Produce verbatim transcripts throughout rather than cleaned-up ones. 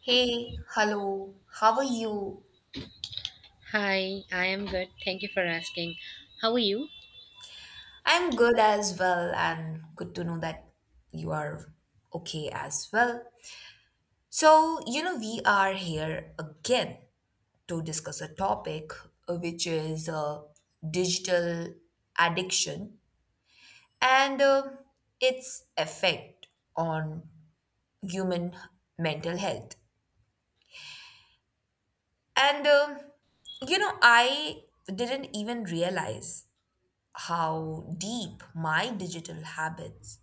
Hey, hello, how are you? Hi, I am good. Thank you for asking. How are you? I'm good as well, and good to know that you are okay as well. So, you know, we are here again to discuss a topic uh, which is uh, digital addiction and uh, its effect on human mental health. And, um you know, I didn't even realize how deep my digital habits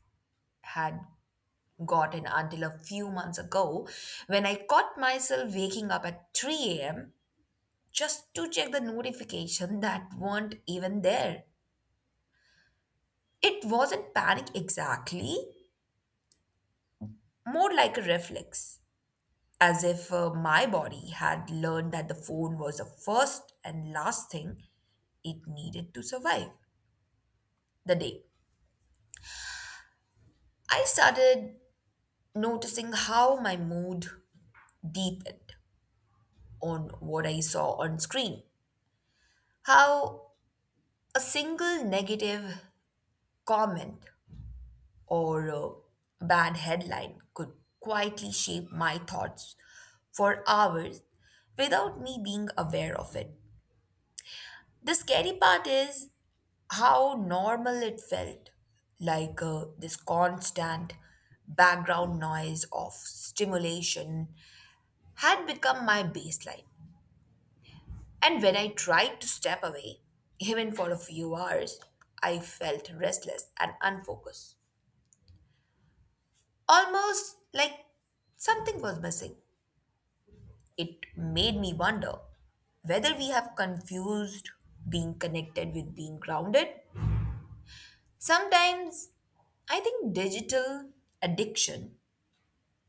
had gotten until a few months ago when I caught myself waking up at three a m just to check the notification that weren't even there. It wasn't panic exactly, more like a reflex, as if uh, my body had learned that the phone was the first and last thing it needed to survive the day. I started noticing how my mood deepened on what I saw on screen, how a single negative comment or a bad headline could quietly shape my thoughts for hours without me being aware of it. The scary part is how normal it felt, like uh, this constant background noise of stimulation had become my baseline. And when I tried to step away, even for a few hours, I felt restless and unfocused. Almost like something was missing. It made me wonder whether we have confused being connected with being grounded. Sometimes I think digital addiction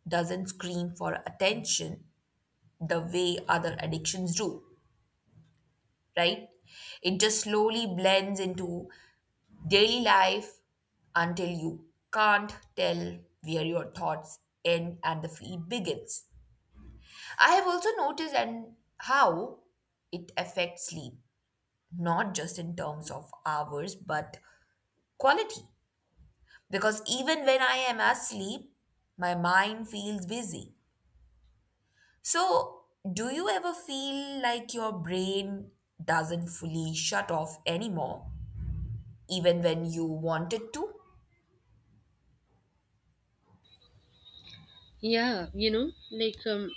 doesn't scream for attention the way other addictions do, right? It just slowly blends into daily life until you can't tell where your thoughts end and the feed begins. I have also noticed and how it affects sleep, not just in terms of hours, but quality. Because even when I am asleep, my mind feels busy. So, do you ever feel like your brain doesn't fully shut off anymore, even when you want it to? Yeah, you know, like um,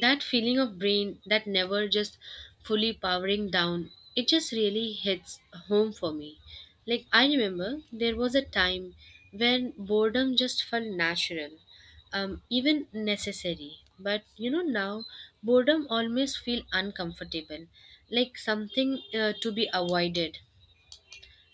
that feeling of brain that never just fully powering down, it just really hits home for me. Like, I remember there was a time when boredom just felt natural, um, even necessary. But you know, now boredom always feel uncomfortable, like something uh, to be avoided.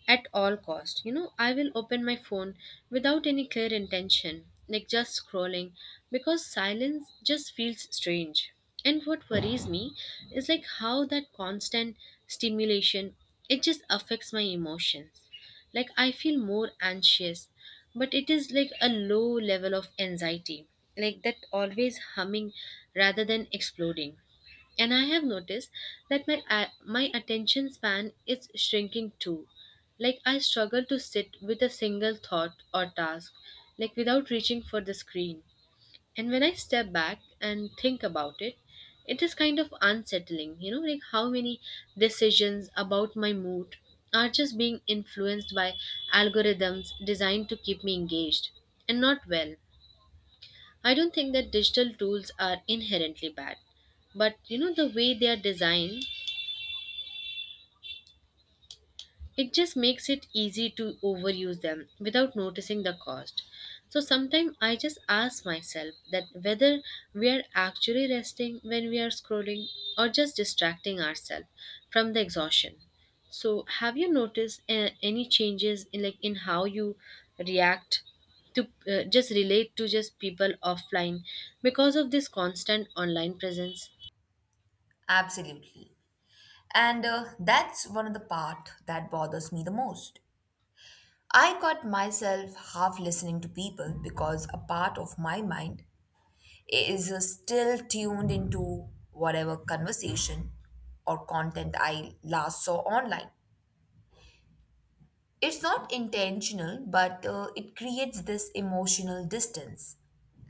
At all cost, you know, I will open my phone without any clear intention, like just scrolling, because silence just feels strange. And what worries me is like how that constant stimulation, it just affects my emotions. Like I feel more anxious, but it is like a low level of anxiety, like that always humming rather than exploding. And I have noticed that my a- my attention span is shrinking too, like I struggle to sit with a single thought or task, like without reaching for the screen. And when I step back and think about it, it is kind of unsettling, you know, like how many decisions about my mood are just being influenced by algorithms designed to keep me engaged and not well. I don't think that digital tools are inherently bad, but you know, the way they are designed, it just makes it easy to overuse them without noticing the cost. So sometimes I just ask myself that whether we are actually resting when we are scrolling or just distracting ourselves from the exhaustion. So have you noticed uh, any changes in like in how you react to uh, just relate to just people offline because of this constant online presence? Absolutely. And uh, that's one of the part that bothers me the most. I caught myself half listening to people because a part of my mind is uh, still tuned into whatever conversation or content I last saw online. It's not intentional, but uh, it creates this emotional distance.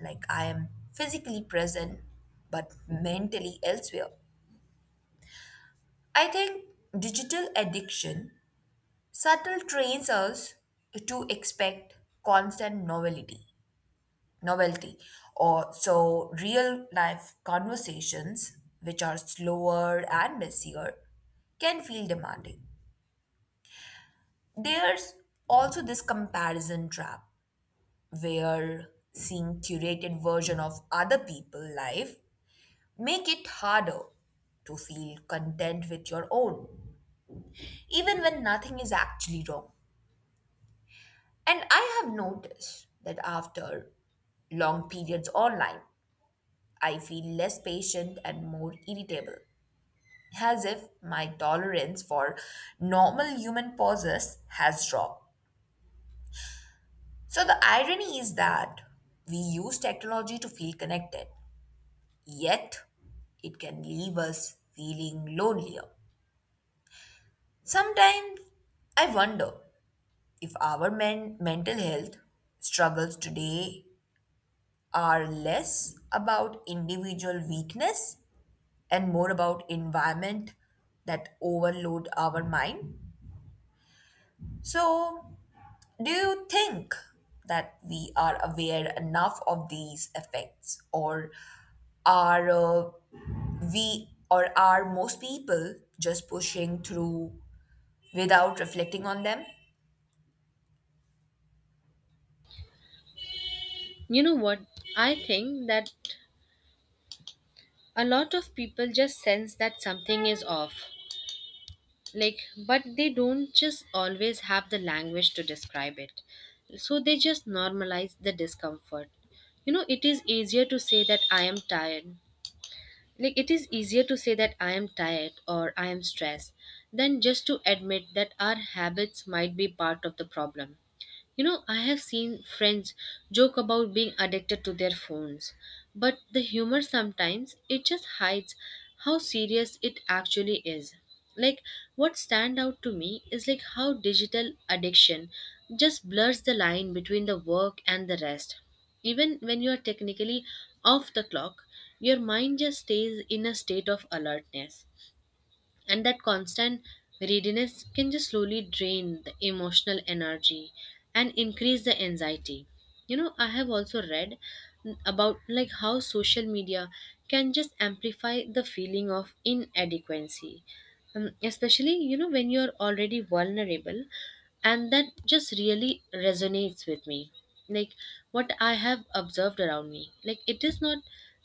Like I am physically present, but mentally elsewhere. I think digital addiction subtle trains us to expect constant novelty novelty or so real life conversations which are slower and messier can feel demanding. There's also this comparison trap where seeing curated version of other people's life make it harder to feel content with your own even when nothing is actually wrong. And I have noticed that after long periods online I feel less patient and more irritable, as if my tolerance for normal human pauses has dropped. So the irony is that we use technology to feel connected, yet it can leave us feeling lonelier. Sometimes I wonder if our men- mental health struggles today are less about individual weakness and more about environment that overload our mind. So, do you think that we are aware enough of these effects, or are uh, we or are most people just pushing through without reflecting on them? You know what? I think that a lot of people just sense that something is off, like, but they don't just always have the language to describe it. So they just normalize the discomfort. You know, it is easier to say that I am tired. Like, it is easier to say that I am tired or I am stressed than just to admit that our habits might be part of the problem. You know, I have seen friends joke about being addicted to their phones, but the humor sometimes it just hides how serious it actually is. Like what stand out to me is like how digital addiction just blurs the line between the work and the rest. Even when you are technically off the clock, your mind just stays in a state of alertness, and that constant readiness can just slowly drain the emotional energy and increase the anxiety. You know, I have also read about like how social media can just amplify the feeling of inadequacy, um, especially you know when you're already vulnerable, and that just really resonates with me. Like what I have observed around me, like it is not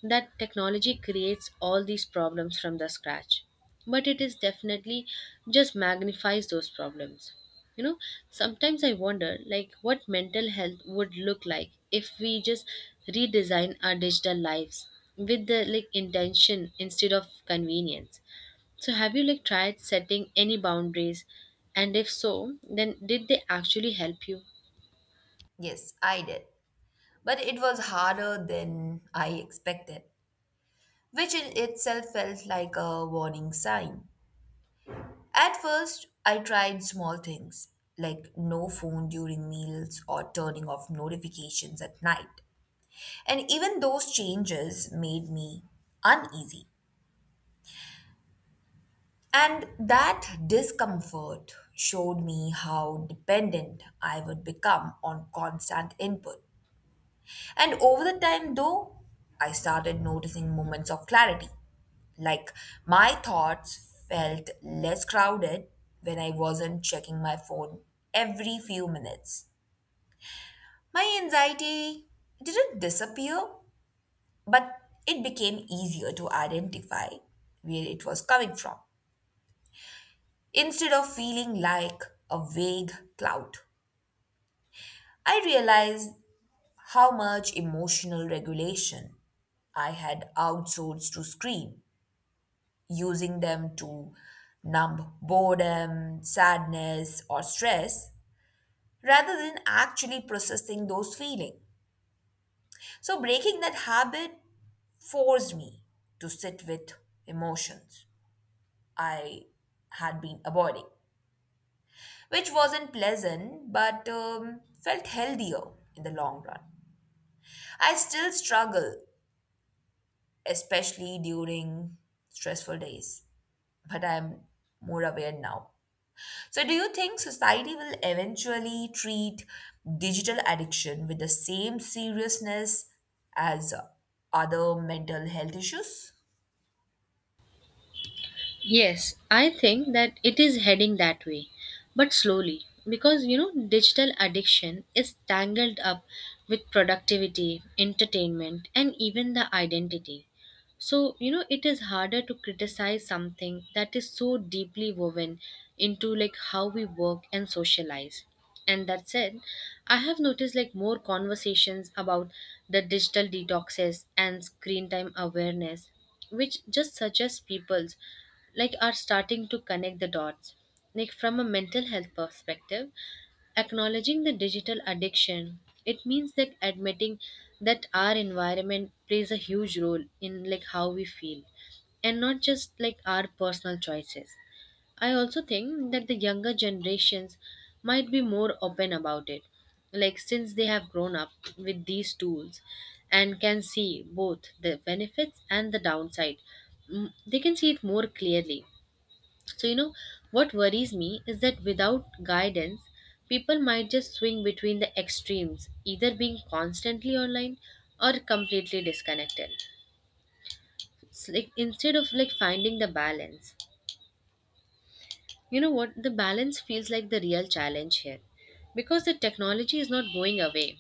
that technology creates all these problems from the scratch, but it is definitely just magnifies those problems. You know, sometimes I wonder like what mental health would look like if we just redesign our digital lives with the like intention instead of convenience. So have you like tried setting any boundaries? And if so, then did they actually help you? Yes, I did, but it was harder than I expected, which in itself felt like a warning sign. At first, I tried small things like no phone during meals or turning off notifications at night. And even those changes made me uneasy. And that discomfort showed me how dependent I would become on constant input. And over the time, though, I started noticing moments of clarity. Like my thoughts felt less crowded when I wasn't checking my phone every few minutes. My anxiety didn't disappear, but it became easier to identify where it was coming from instead of feeling like a vague cloud. I realized how much emotional regulation I had outsourced to screen, using them to numb boredom, sadness, or stress rather than actually processing those feelings. So, breaking that habit forced me to sit with emotions I had been avoiding, which wasn't pleasant but um, felt healthier in the long run. I still struggle, especially during stressful days, but I'm more aware now. So, do you think society will eventually treat digital addiction with the same seriousness as uh, other mental health issues? Yes, I think that it is heading that way, but slowly, because you know digital addiction is tangled up with productivity, entertainment, and even the identity. So, you know, it is harder to criticize something that is so deeply woven into like how we work and socialize. And that said, I have noticed like more conversations about the digital detoxes and screen time awareness, which just suggests people's like are starting to connect the dots. Like from a mental health perspective, acknowledging the digital addiction, it means like admitting that our environment plays a huge role in like how we feel and not just like our personal choices. I also think that the younger generations might be more open about it, like since they have grown up with these tools and can see both the benefits and the downside. Mm, they can see it more clearly. So, you know, what worries me is that without guidance, people might just swing between the extremes, either being constantly online or completely disconnected. It's like instead of like finding the balance, you know what? The balance feels like the real challenge here because the technology is not going away.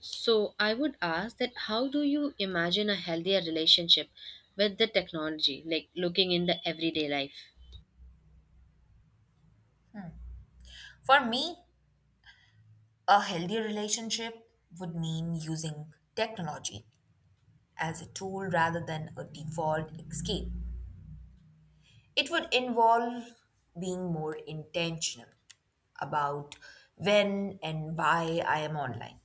So, I would ask that how do you imagine a healthier relationship with the technology, like looking in the everyday life? For me, a healthy relationship would mean using technology as a tool rather than a default escape. It would involve being more intentional about when and why I am online.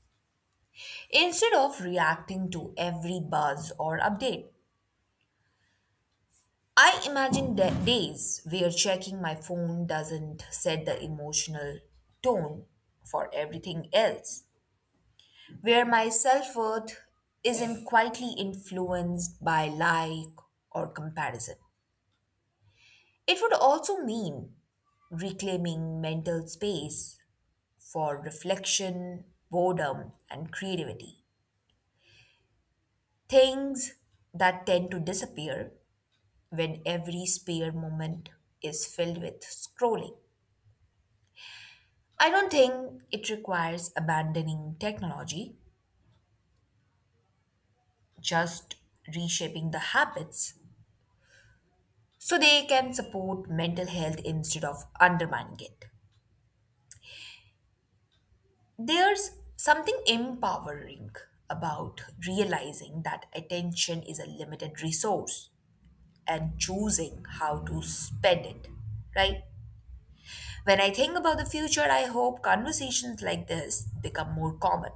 Instead of reacting to every buzz or update, I imagine da- days where checking my phone doesn't set the emotional tone for everything else, where my self worth isn't quietly influenced by like or comparison. It would also mean reclaiming mental space for reflection, boredom, and creativity. Things that tend to disappear when every spare moment is filled with scrolling. I don't think it requires abandoning technology, just reshaping the habits so they can support mental health instead of undermining it. There's something empowering about realizing that attention is a limited resource and choosing how to spend it, right? When I think about the future, I hope conversations like this become more common.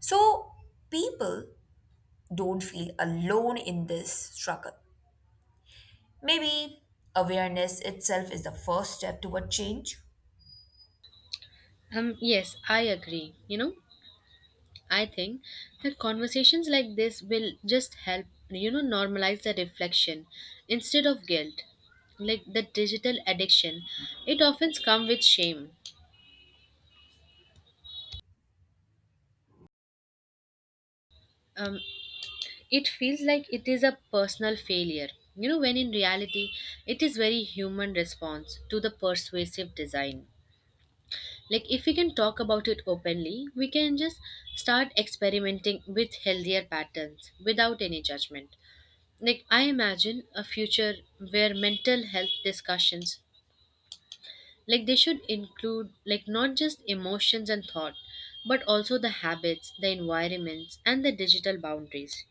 So people don't feel alone in this struggle. Maybe awareness itself is the first step toward change. Um, yes, I agree. You know, I think that conversations like this will just help, you know, normalize the reflection instead of guilt. Like the digital addiction, it often comes with shame. Um, it feels like it is a personal failure, you know, when in reality, it is very human response to the persuasive design. Like if we can talk about it openly, we can just start experimenting with healthier patterns without any judgment. Like I imagine a future where mental health discussions, like they should include like not just emotions and thought, but also the habits, the environments, and the digital boundaries.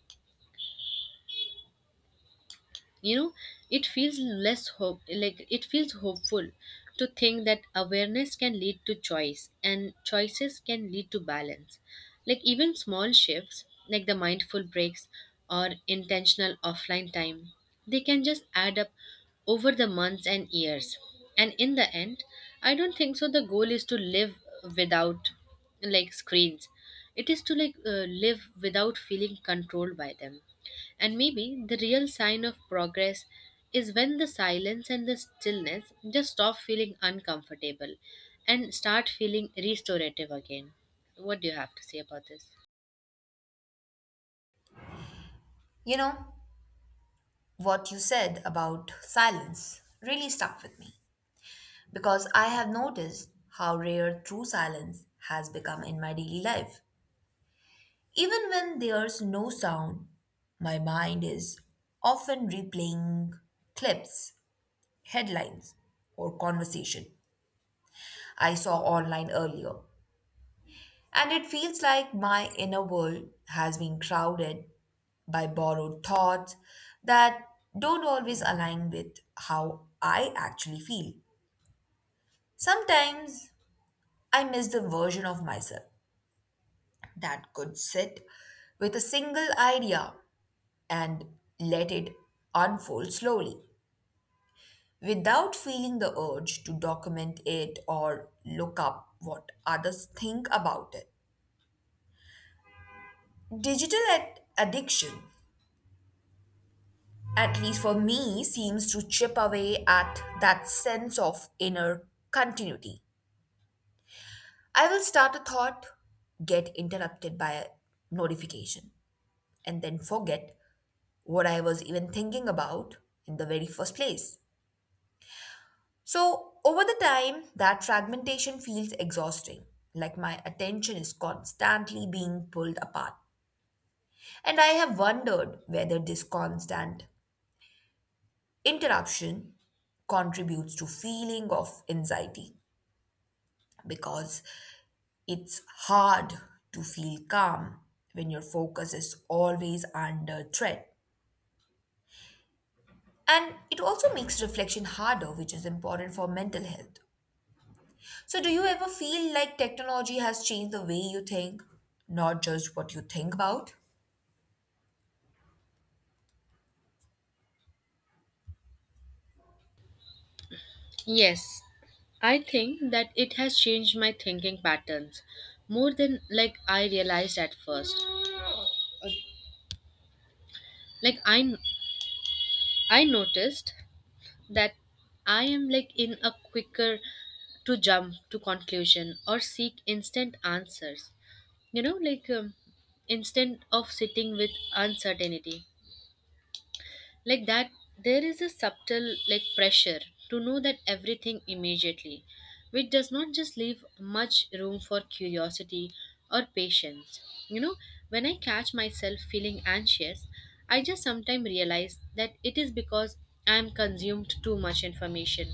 You know, it feels less hope, like it feels hopeful to think that awareness can lead to choice and choices can lead to balance. Like even small shifts like the mindful breaks or intentional offline time, they can just add up over the months and years. And in the end, I don't think so the goal is to live without like screens. It is to like uh, live without feeling controlled by them. And maybe the real sign of progress is when the silence and the stillness just stop feeling uncomfortable and start feeling restorative again. What do you have to say about this? You know, what you said about silence really stuck with me because I have noticed how rare true silence has become in my daily life. Even when there's no sound, my mind is often replaying clips, headlines, or conversation I saw online earlier. And it feels like my inner world has been crowded by borrowed thoughts that don't always align with how I actually feel. Sometimes I miss the version of myself that could sit with a single idea and let it unfold slowly without feeling the urge to document it or look up what others think about it. Digital ad- addiction, at least for me, seems to chip away at that sense of inner continuity. I will start a thought, get interrupted by a notification, and then forget what I was even thinking about in the very first place. So, over the time, that fragmentation feels exhausting, like my attention is constantly being pulled apart. And I have wondered whether this constant interruption contributes to feeling of anxiety because it's hard to feel calm when your focus is always under threat. And it also makes reflection harder, which is important for mental health. So, do you ever feel like technology has changed the way you think, not just what you think about? Yes, I think that it has changed my thinking patterns more than like I realized at first. Like I I noticed that I am like in a quicker to jump to conclusion or seek instant answers. You know, like um, instant of sitting with uncertainty. Like that, there is a subtle like pressure to know that everything immediately, which does not just leave much room for curiosity or patience. You know, when I catch myself feeling anxious, I just sometimes realize that it is because I am consumed too much information,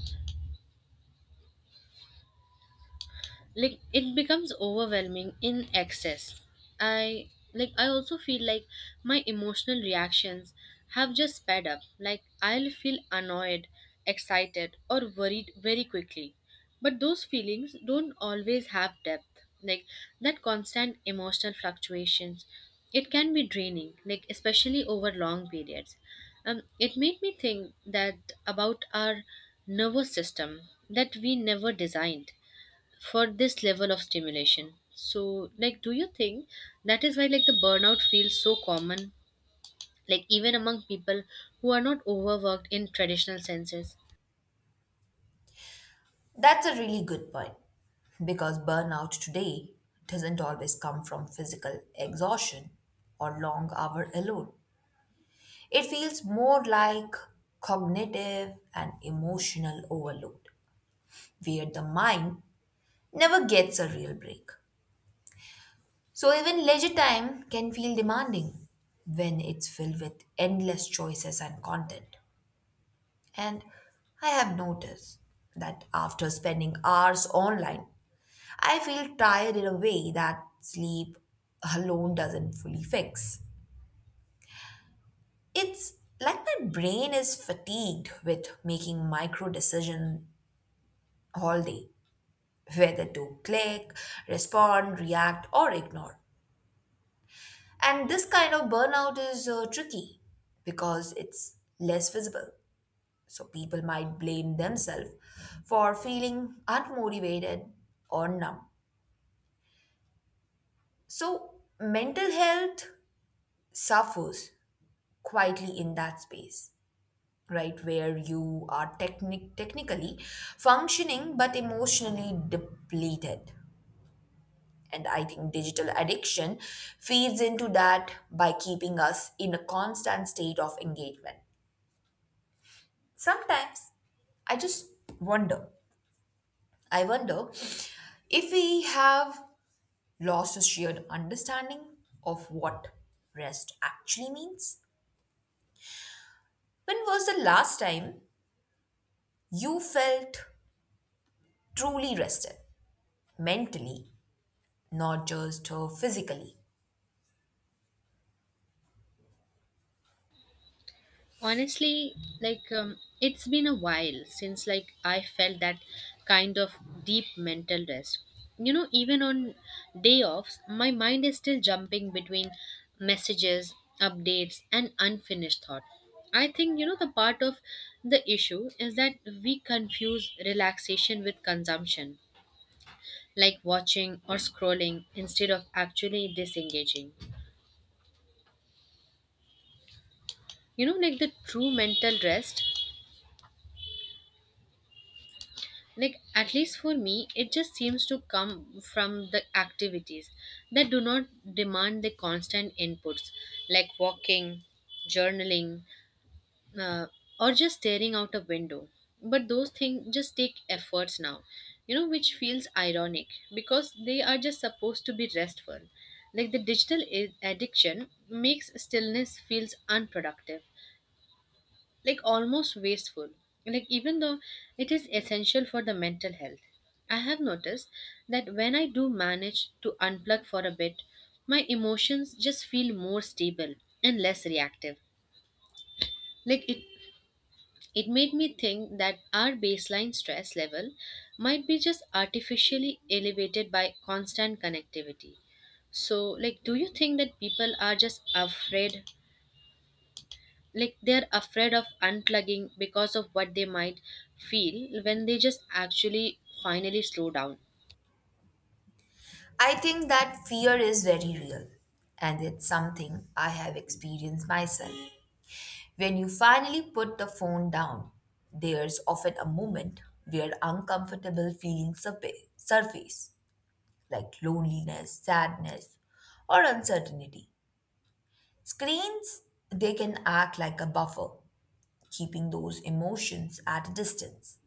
like it becomes overwhelming in excess. I like i also feel like my emotional reactions have just sped up, like I'll feel annoyed, excited, or worried very quickly, but those feelings don't always have depth. Like that constant emotional fluctuations, it can be draining, like especially over long periods. Um, it made me think that about our nervous system that we never designed for this level of stimulation. So like do you think that is why like the burnout feels so common, like even among people who are not overworked in traditional senses? That's a really good point because burnout today doesn't always come from physical exhaustion or long hour alone. It feels more like cognitive and emotional overload, where the mind never gets a real break. So, even leisure time can feel demanding when it's filled with endless choices and content. And I have noticed that after spending hours online, I feel tired in a way that sleep alone doesn't fully fix. It's like my brain is fatigued with making micro decisions all day, whether to click, respond, react, or ignore. And this kind of burnout is uh, tricky because it's less visible. So people might blame themselves for feeling unmotivated or numb. So mental health suffers quietly in that space, right? Where you are technic- technically functioning but emotionally depleted. And I think digital addiction feeds into that by keeping us in a constant state of engagement. Sometimes I just wonder, I wonder if we have lost his sheer understanding of what rest actually means? When was the last time you felt truly rested mentally, not just uh, physically? Honestly, like um, it's been a while since like I felt that kind of deep mental rest. You know, even on day offs, my mind is still jumping between messages, updates, and unfinished thought. I think, you know, the part of the issue is that we confuse relaxation with consumption, like watching or scrolling instead of actually disengaging. You know, like the true mental rest, like at least for me, it just seems to come from the activities that do not demand the constant inputs, like walking, journaling, uh, or just staring out a window. But those things just take efforts now, you know, which feels ironic because they are just supposed to be restful. Like the digital i- addiction makes stillness feels unproductive, like almost wasteful, like even though it is essential for the mental health. I have noticed that when I do manage to unplug for a bit, my emotions just feel more stable and less reactive. Like it it made me think that our baseline stress level might be just artificially elevated by constant connectivity. So like do you think that people are just afraid, like they're afraid of unplugging because of what they might feel when they just actually finally slow down? I think that fear is very real, and it's something I have experienced myself. When you finally put the phone down, there's often a moment where uncomfortable feelings surpa- surface, like loneliness, sadness, or uncertainty. Screens, they can act like a buffer, keeping those emotions at a distance,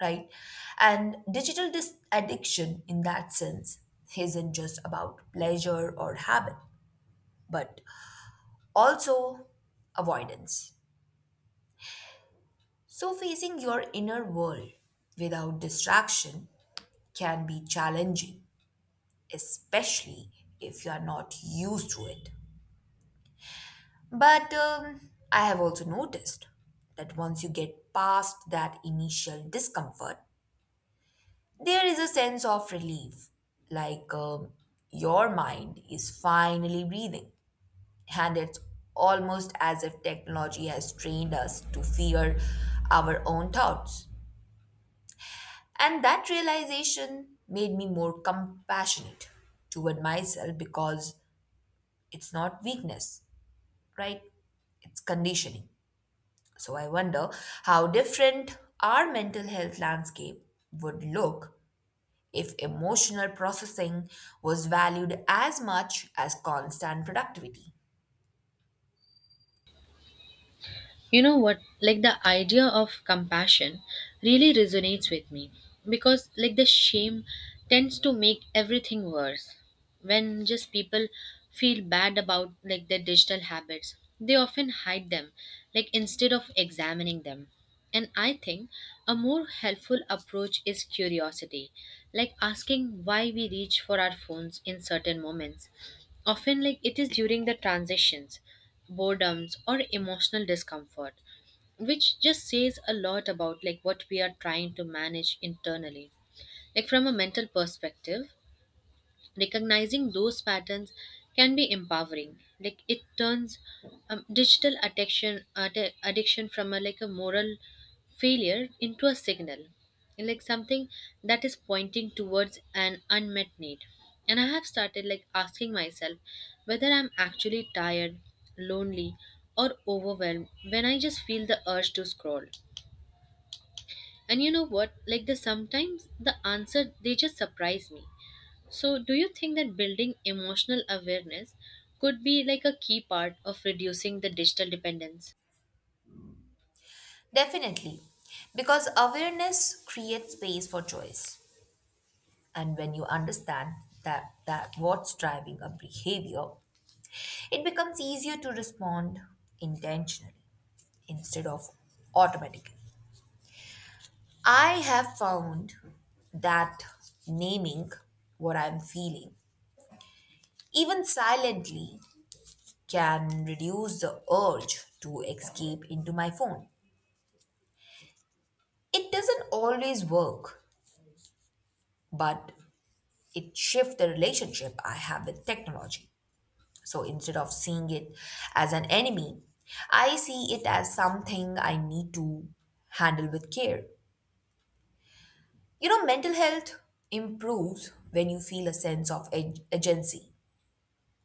right? And digital dis- addiction, in that sense, isn't just about pleasure or habit, but also avoidance. So, facing your inner world without distraction can be challenging, especially if you are not used to it. But um, I have also noticed that once you get past that initial discomfort, there is a sense of relief. Like um, your mind is finally breathing. And it's almost as if technology has trained us to fear our own thoughts. And that realization made me more compassionate toward myself because it's not weakness, right? It's conditioning. So I wonder how different our mental health landscape would look if emotional processing was valued as much as constant productivity. You know what? Like the idea of compassion really resonates with me because, like, the shame tends to make everything worse. When just people feel bad about like their digital habits, they often hide them, like, instead of examining them. And I think a more helpful approach is curiosity, like asking why we reach for our phones in certain moments, often like it is during the transitions, boredoms, or emotional discomfort, which just says a lot about like what we are trying to manage internally. Like from a mental perspective, recognizing those patterns can be empowering, like it turns um, digital addiction addi- addiction from a like a moral failure into a signal, and, like something that is pointing towards an unmet need. And I have started like asking myself whether I'm actually tired, lonely, or overwhelmed when I just feel the urge to scroll. And you know what? Like the sometimes the answer they just surprise me. So do you think that building emotional awareness could be like a key part of reducing the digital dependence? Definitely, because awareness creates space for choice. And when you understand that, that what's driving a behavior, it becomes easier to respond intentionally instead of automatically. I have found that naming what I'm feeling, even silently, can reduce the urge to escape into my phone. It doesn't always work, but it shifts the relationship I have with technology. So instead of seeing it as an enemy, I see it as something I need to handle with care. You know, mental health improves when you feel a sense of ag- agency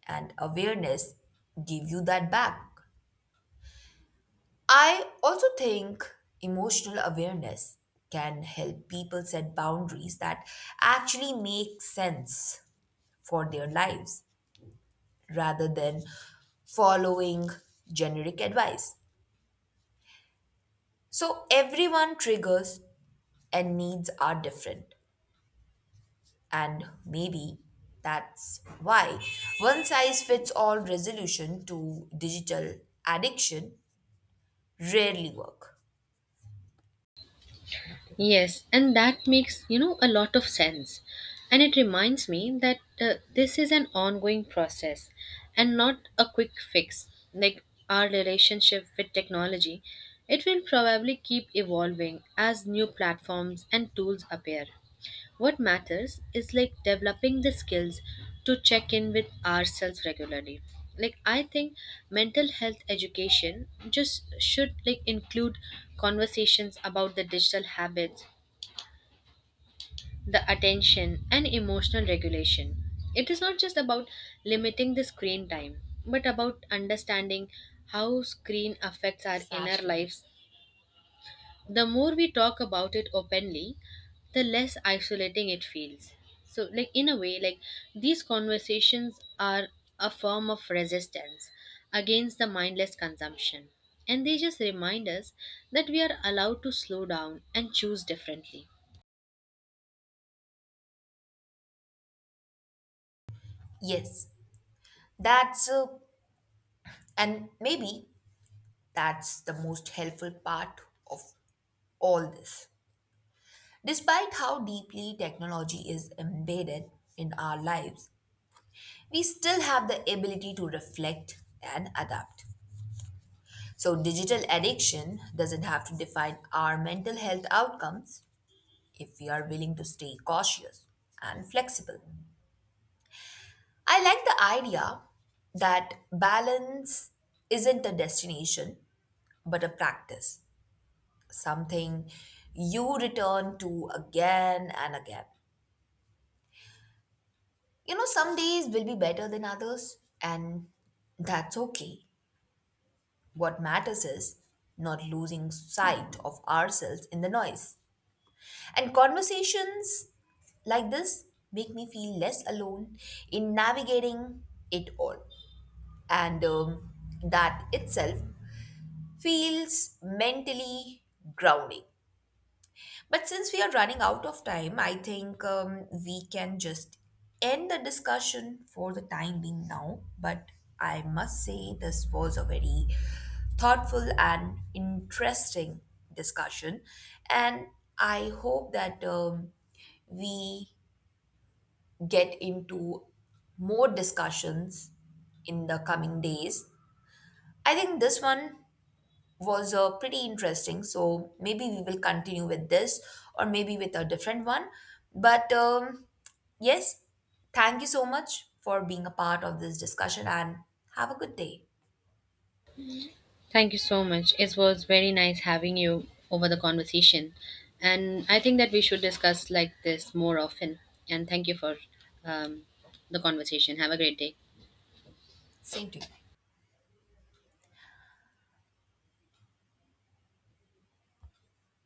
and awareness give you that back. I also think emotional awareness can help people set boundaries that actually make sense for their lives rather than following generic advice. So, everyone triggers and needs are different, and maybe that's why one size fits all resolution to digital addiction rarely work. Yes, and that makes, you know, a lot of sense. And it reminds me that uh, this is an ongoing process and not a quick fix. Like our relationship with technology, it will probably keep evolving as new platforms and tools appear. What matters is like developing the skills to check in with ourselves regularly. Like I think mental health education just should like include conversations about the digital habits, the attention and emotional regulation. It is not just about limiting the screen time, but about understanding how screen affects our inner lives. The more we talk about it openly, the less isolating it feels. So like in a way, like these conversations are a form of resistance against the mindless consumption, and they just remind us that we are allowed to slow down and choose differently. Yes, that's uh, and maybe that's the most helpful part of all this. Despite how deeply technology is embedded in our lives, we still have the ability to reflect and adapt. So, digital addiction doesn't have to define our mental health outcomes if we are willing to stay cautious and flexible. I like the idea that balance isn't a destination but a practice, something you return to again and again. You know, some days will be better than others, and that's okay. What matters is not losing sight of ourselves in the noise. And conversations like this make me feel less alone in navigating it all. And um, that itself feels mentally grounding. But since we are running out of time, I think um, we can just end the discussion for the time being now. But I must say, this was a very thoughtful and interesting discussion. And I hope that um, we get into more discussions in the coming days. I think this one was uh, pretty interesting. So maybe we will continue with this or maybe with a different one. But um, yes, thank you so much for being a part of this discussion and have a good day. Thank you so much. It was very nice having you over the conversation, and I think that we should discuss like this more often. And thank you for um, the conversation. Have a great day. Same to you.